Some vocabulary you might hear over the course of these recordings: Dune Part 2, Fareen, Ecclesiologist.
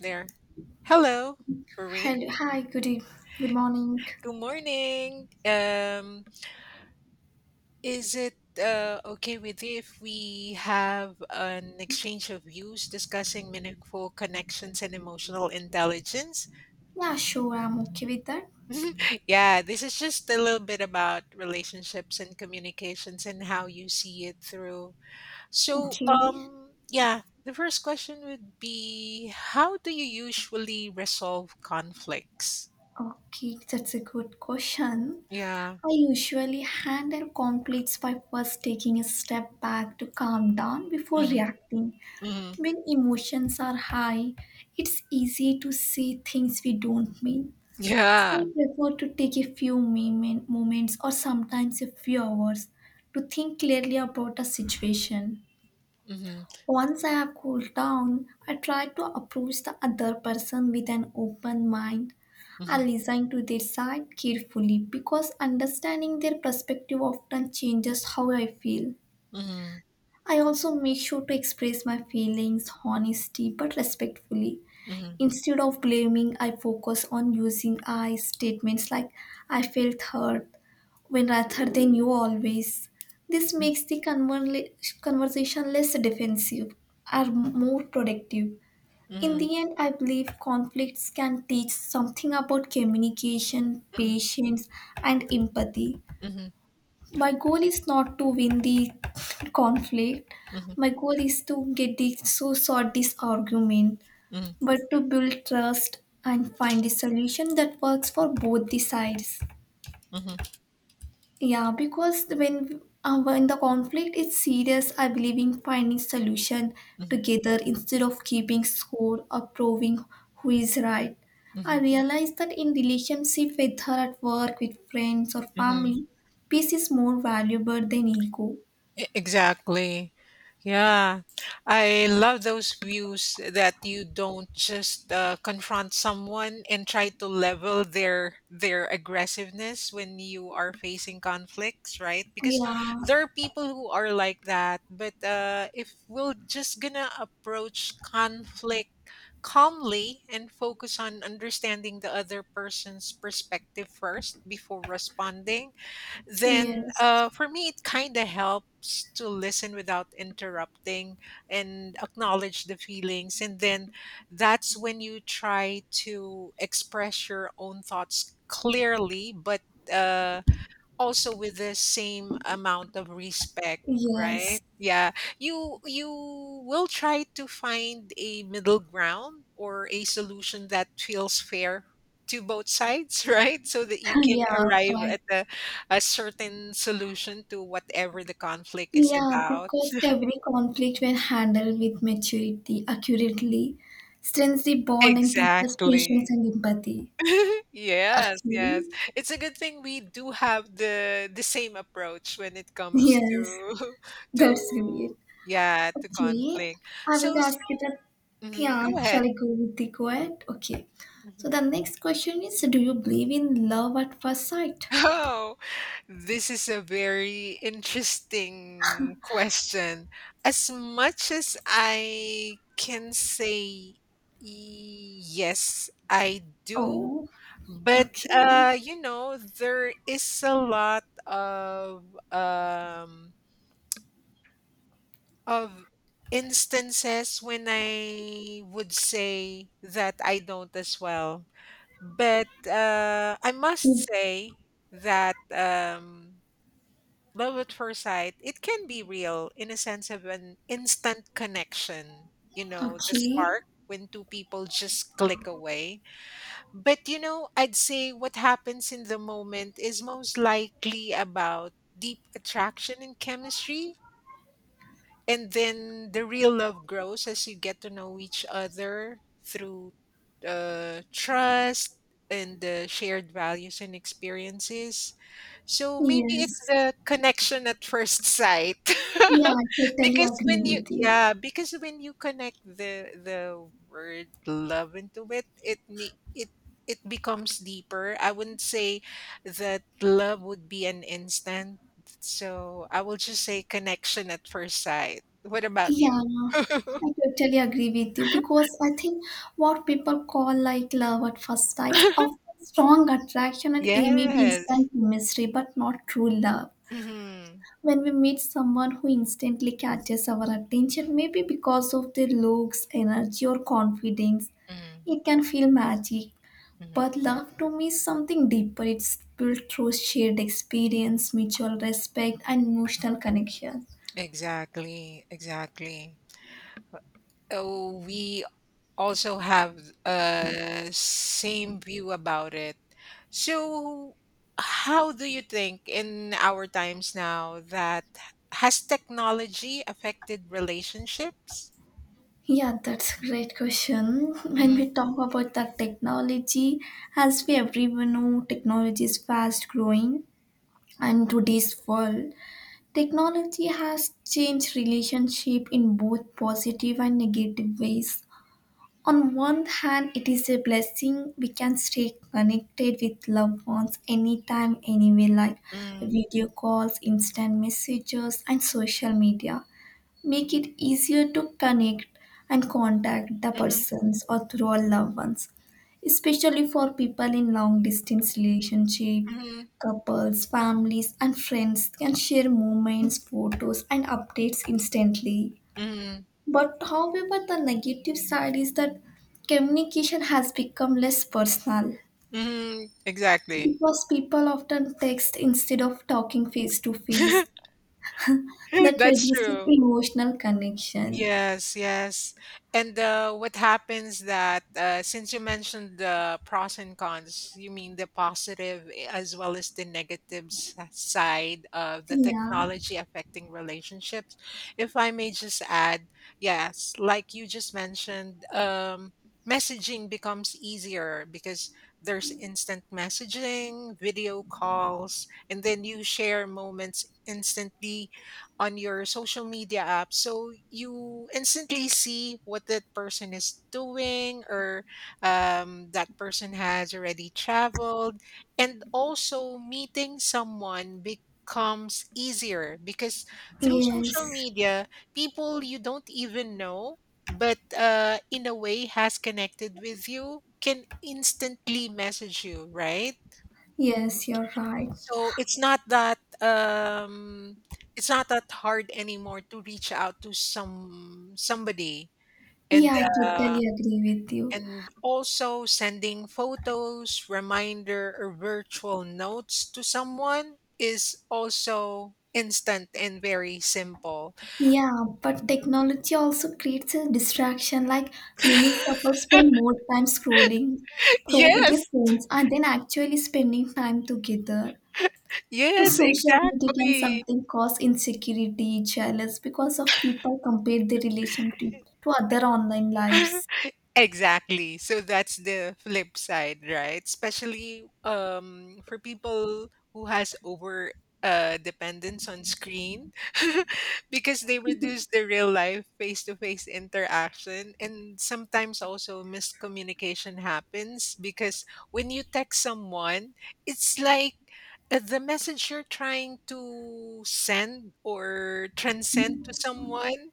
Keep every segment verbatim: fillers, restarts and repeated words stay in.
There. Hello, Fareen. Hello. Hi. Good eve- Good morning. Good morning. Um, is it uh, okay with you if we have an exchange of views discussing meaningful connections and emotional intelligence? Yeah, sure. I'm okay with that. Yeah, this is just a little bit about relationships and communications and how you see it through. So, Okay. um, yeah, the first question would be, how do you usually resolve conflicts? Okay. That's a good question. Yeah. I usually handle conflicts by first taking a step back to calm down before reacting. Mm-hmm. When emotions are high, it's easy to say things we don't mean. So I Yeah. prefer to take a few moment, moments or sometimes a few hours to think clearly about a situation. Mhm, Once I have cooled down, I try to approach the other person with an open mind. I mhm, listen to their side carefully because understanding their perspective often changes how I feel. mhm, I also make sure to express my feelings honestly but respectfully. mhm, mhm, Instead of blaming, I focus on using I statements like I felt hurt when rather than you always. This makes the conver- conversation less defensive and more productive. In mhm, the end, I believe conflicts can teach something about communication, mhm, patience, and empathy. mhm, My goal is not to win the conflict, mhm, my goal is to get this so sort this argument mhm, but to build trust and find a solution that works for both the sides. mhm, Yeah, because when uh, when the conflict is serious, I believe in finding solution mhm, together instead of keeping score or proving who is right. I mhm, realize that in relationship, whether at work, with friends or mhm. family, peace is more valuable than ego. E- Exactly. Yeah. I love those views that you don't just uh, confront someone and try to level their their aggressiveness when you are facing conflicts, right? Because Yeah. there are people who are like that, but uh, if we're just gonna approach conflict calmly and focus on understanding the other person's perspective first before responding then Yes. uh, for me it kind of helps to listen without interrupting and acknowledge the feelings and then that's when you try to express your own thoughts clearly but uh also with the same amount of respect, Yes. right? Yeah. You you will try to find a middle ground or a solution that feels fair to both sides, right? So that you can Yeah. arrive Right. at a, a certain solution to whatever the conflict is Yeah, about. because every conflict, when handled with maturity, accurately, strengthens the bond and teaches patience Exactly. and empathy. Yes, Actually, yes. It's a good thing we do have the the same approach when it comes to yes, to that's great. yeah, to Okay, conflict. I will So, s- ask you that. mhm, Yeah, go shall ahead. I go with the quote? Okay. So Mm-hmm. the next question is, do you believe in love at first sight? Oh, this is a very interesting question. As much as I can say yes, I do, Oh, but okay. uh, you know, there is a lot of um, of instances when I would say that I don't as well. But uh, I must say that. Um, Love at first sight, it can be real in a sense of an instant connection, you know, the Okay. spark when two people just click away. But, you know, I'd say what happens in the moment is most likely about deep attraction and chemistry. And then the real love grows as you get to know each other through uh, trust and the shared values and experiences. So maybe it's Yes. the connection at first sight. Yeah, I totally because when agree you with you. yeah, because when you connect the the word love into it, it me it it becomes deeper. I wouldn't say that love would be an instant. So I will just say connection at first sight. What about you? Yeah, I totally agree with you because I think what people call like love at first sight of strong attraction and a maybe yes. instant chemistry, but not true love. Mm-hmm. When we meet someone who instantly catches our attention, maybe because of their looks, energy, or confidence, Mm-hmm. it can feel magic. Mm-hmm. But love to me is something deeper. It's built through shared experience, mutual respect, and emotional connection. Exactly, exactly. Oh, we also have a same view about it. So, how do you think in our times now that has technology affected relationships? Yeah, that's a great question. When Mm, we talk about the technology, as we everyone know, technology is fast growing and today's world, technology has changed relationship in both positive and negative ways. On one hand, it is a blessing we can stay connected with loved ones anytime, anywhere, like mm, video calls, instant messages, and social media make it easier to connect and contact the mhm, persons or through our loved ones, especially for people in long distance relationship, mhm, couples families and friends can share moments photos and updates instantly, mhm, but however the negative side is that communication has become less personal mhm, exactly. because people often text instead of talking face to face, that That's reduces true. emotional connection. Yes, yes. And uh, what happens that uh, since you mentioned the pros and cons, you mean the positive eh, as well as the negative s- side of the Yeah. technology affecting relationships. If I may just add, yes, like you just mentioned, um, messaging becomes easier because there's instant messaging, video calls, and then you share moments instantly on your social media app so you instantly see what that person is doing or um, that person has already traveled, and also meeting someone becomes easier because through Yes, social media people you don't even know but uh, in a way has connected with you can instantly message you, right? yes, you're right. So it's not that um, it's not that hard anymore to reach out to some somebody and Yeah, I uh, totally agree with you. and also sending photos, reminder, or virtual notes to someone is also instant and very simple. Yeah, but technology also creates a distraction. Like many couples spend more time scrolling through their yes, phones and then actually spending time together. So yes, social media can exactly. something cause insecurity, jealous because of people compare their relationship to other online lives. Exactly. So that's the flip side, right? Especially um for people who has over uh dependence on screen, because they reduce the real life face-to-face interaction, and sometimes also miscommunication happens because when you text someone, it's like uh, the message you're trying to send or transcend to someone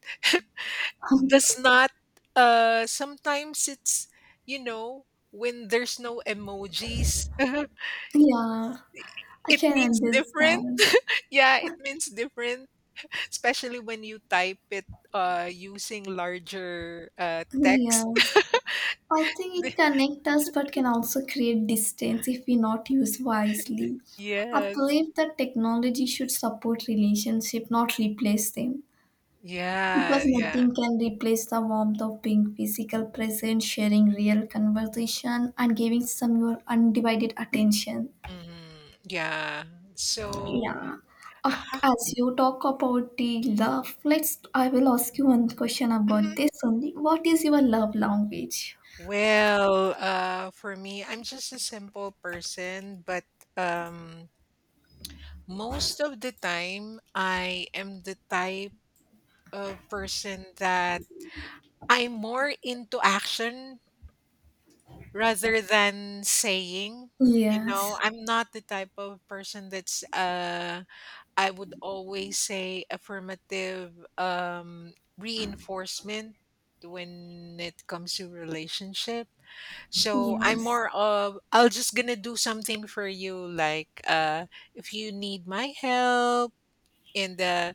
does not uh sometimes it's, you know, when there's no emojis Yeah, I it can means different. understand. Yeah, it means different, especially when you type it uh using larger uh text. Yes. I think it connects us but can also create distance if we not use wisely. I yes. believe that technology should support relationship, not replace them. Yeah, Because yeah. nothing can replace the warmth of being physical present, sharing real conversation, and giving some your undivided attention. Mm, yeah. So Yeah. Uh, As you talk about the love, let's. I will ask you one question about mhm. this only. What is your love language? Well, uh, for me, I'm just a simple person, but um, most of the time, I am the type of person that I'm more into action rather than saying. You know, Yes. I'm not the type of person that's uh I would always say affirmative um reinforcement when it comes to relationship. So I'm Yes. more of I'll just gonna do something for you like uh if you need my help and uh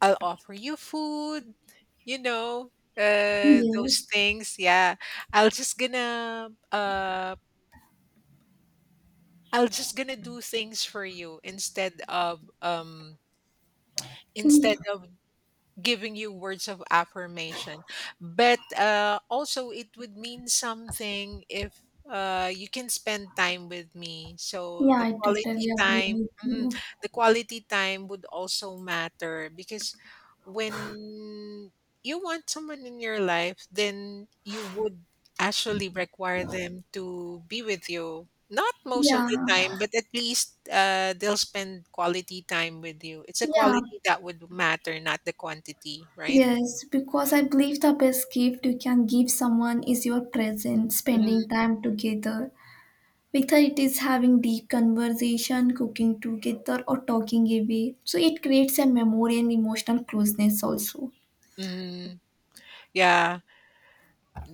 I'll offer you food, you know, uh, Yes. those things. Yeah, I'll just gonna uh, I'll just gonna do things for you instead of um instead Yeah, of giving you words of affirmation. But uh, also, it would mean something if uh, you can spend time with me. So yeah, the I totally quality agree time, with mhm, you. the quality time would also matter because when you want someone in your life, then you would actually require them to be with you, not most of Yeah, the time, but at least, uh, they'll spend quality time with you. It's a yeah, quality that would matter, not the quantity, right? yes, because I believe the best gift you can give someone is your presence, Mhm, spending time together. Whether it is having deep conversation, cooking together, or talking away. So it creates a memory and emotional closeness also. mhm. Yeah,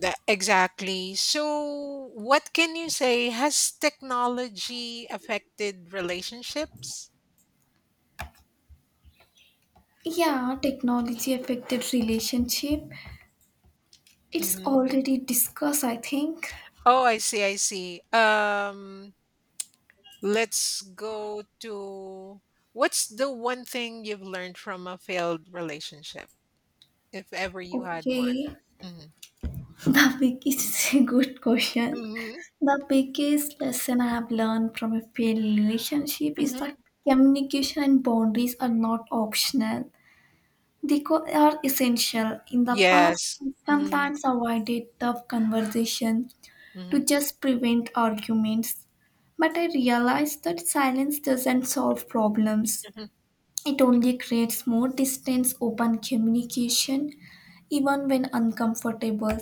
tha exactly. So what can you say, has technology affected relationships? Yeah, technology affected relationship. It's Mhm. already discussed, I think. Oh, I see, I see. Um, let's go to what's the one thing you've learned from a failed relationship, if ever you had one? Okay. Mhm. The biggest is a good question. Mhm, The biggest lesson I have learned from a failed relationship is mhm. that communication and boundaries are not optional. They co- are essential. In the past, Yes. I Mhm, sometimes avoided tough conversation to mhm, just prevent arguments. But I realized that silence doesn't solve problems. mhm, It only creates more distance, open communication, even when uncomfortable,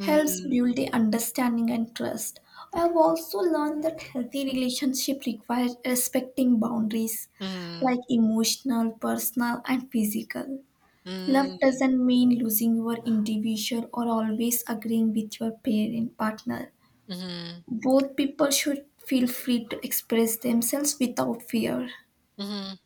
helps build the understanding and trust. I have also learned that healthy relationship requires respecting boundaries mhm, like emotional, personal, and physical. Love mhm, doesn't mean losing your individual or always agreeing with your parent partner. mhm, Both people should feel free to express themselves without fear. mhm.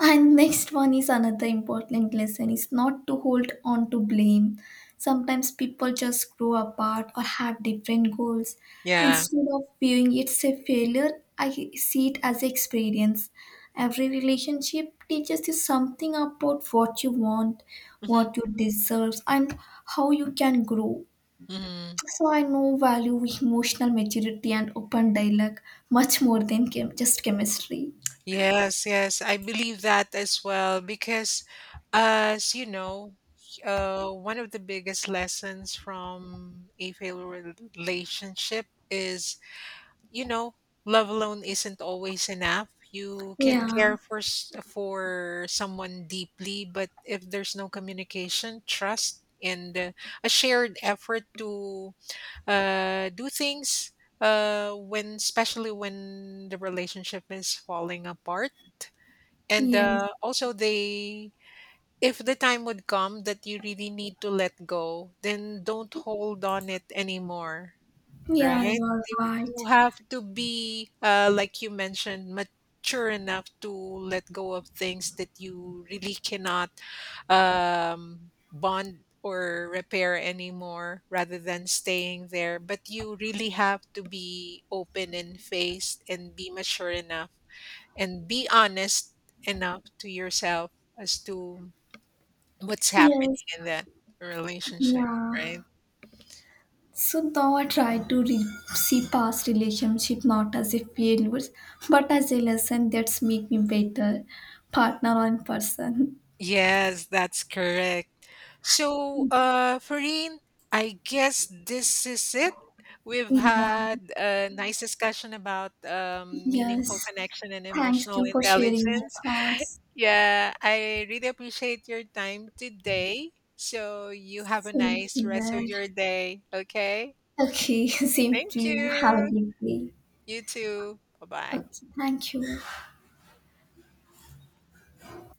And next one is another important lesson is not to hold on to blame. Sometimes people just grow apart or have different goals. Yeah. Instead of viewing it as a failure, I see it as experience. Every relationship teaches you something about what you want, Mhm, what you deserve, and how you can grow. mhm. So I now value emotional maturity and open dialogue much more than chem- just chemistry. Yes, yes. I believe that as well because uh, as you know, uh, one of the biggest lessons from a failed relationship is, you know, love alone isn't always enough. You can Yeah. care for s- for someone deeply, but if there's no communication, trust, and uh, a shared effort to uh, do things, uh, when especially when the relationship is falling apart, and Yeah. uh, also they. If the time would come that you really need to let go, then don't hold on it anymore, Yeah, right? you are You you right. have to be, uh, like you mentioned, mature enough to let go of things that you really cannot um, bond or repair anymore rather than staying there. But you really have to be open and faced and be mature enough and be honest enough to yourself as to what's happening Yes, in that relationship, yeah. right? So now I try to re- see past relationship not as a failures, but as a lesson that's make me better partner and person. Yes, that's correct. So, uh, Fareen, I guess this is it. We've Yeah, had a nice discussion about um, meaningful yes. connection and Thanks emotional you for sharing your intelligence. thoughts. Yeah, I really appreciate your time today. So, you have a Same nice rest here. of your day. Okay. Okay, same Thank to you. Have a you. good day. You too. Bye bye. Okay, thank you.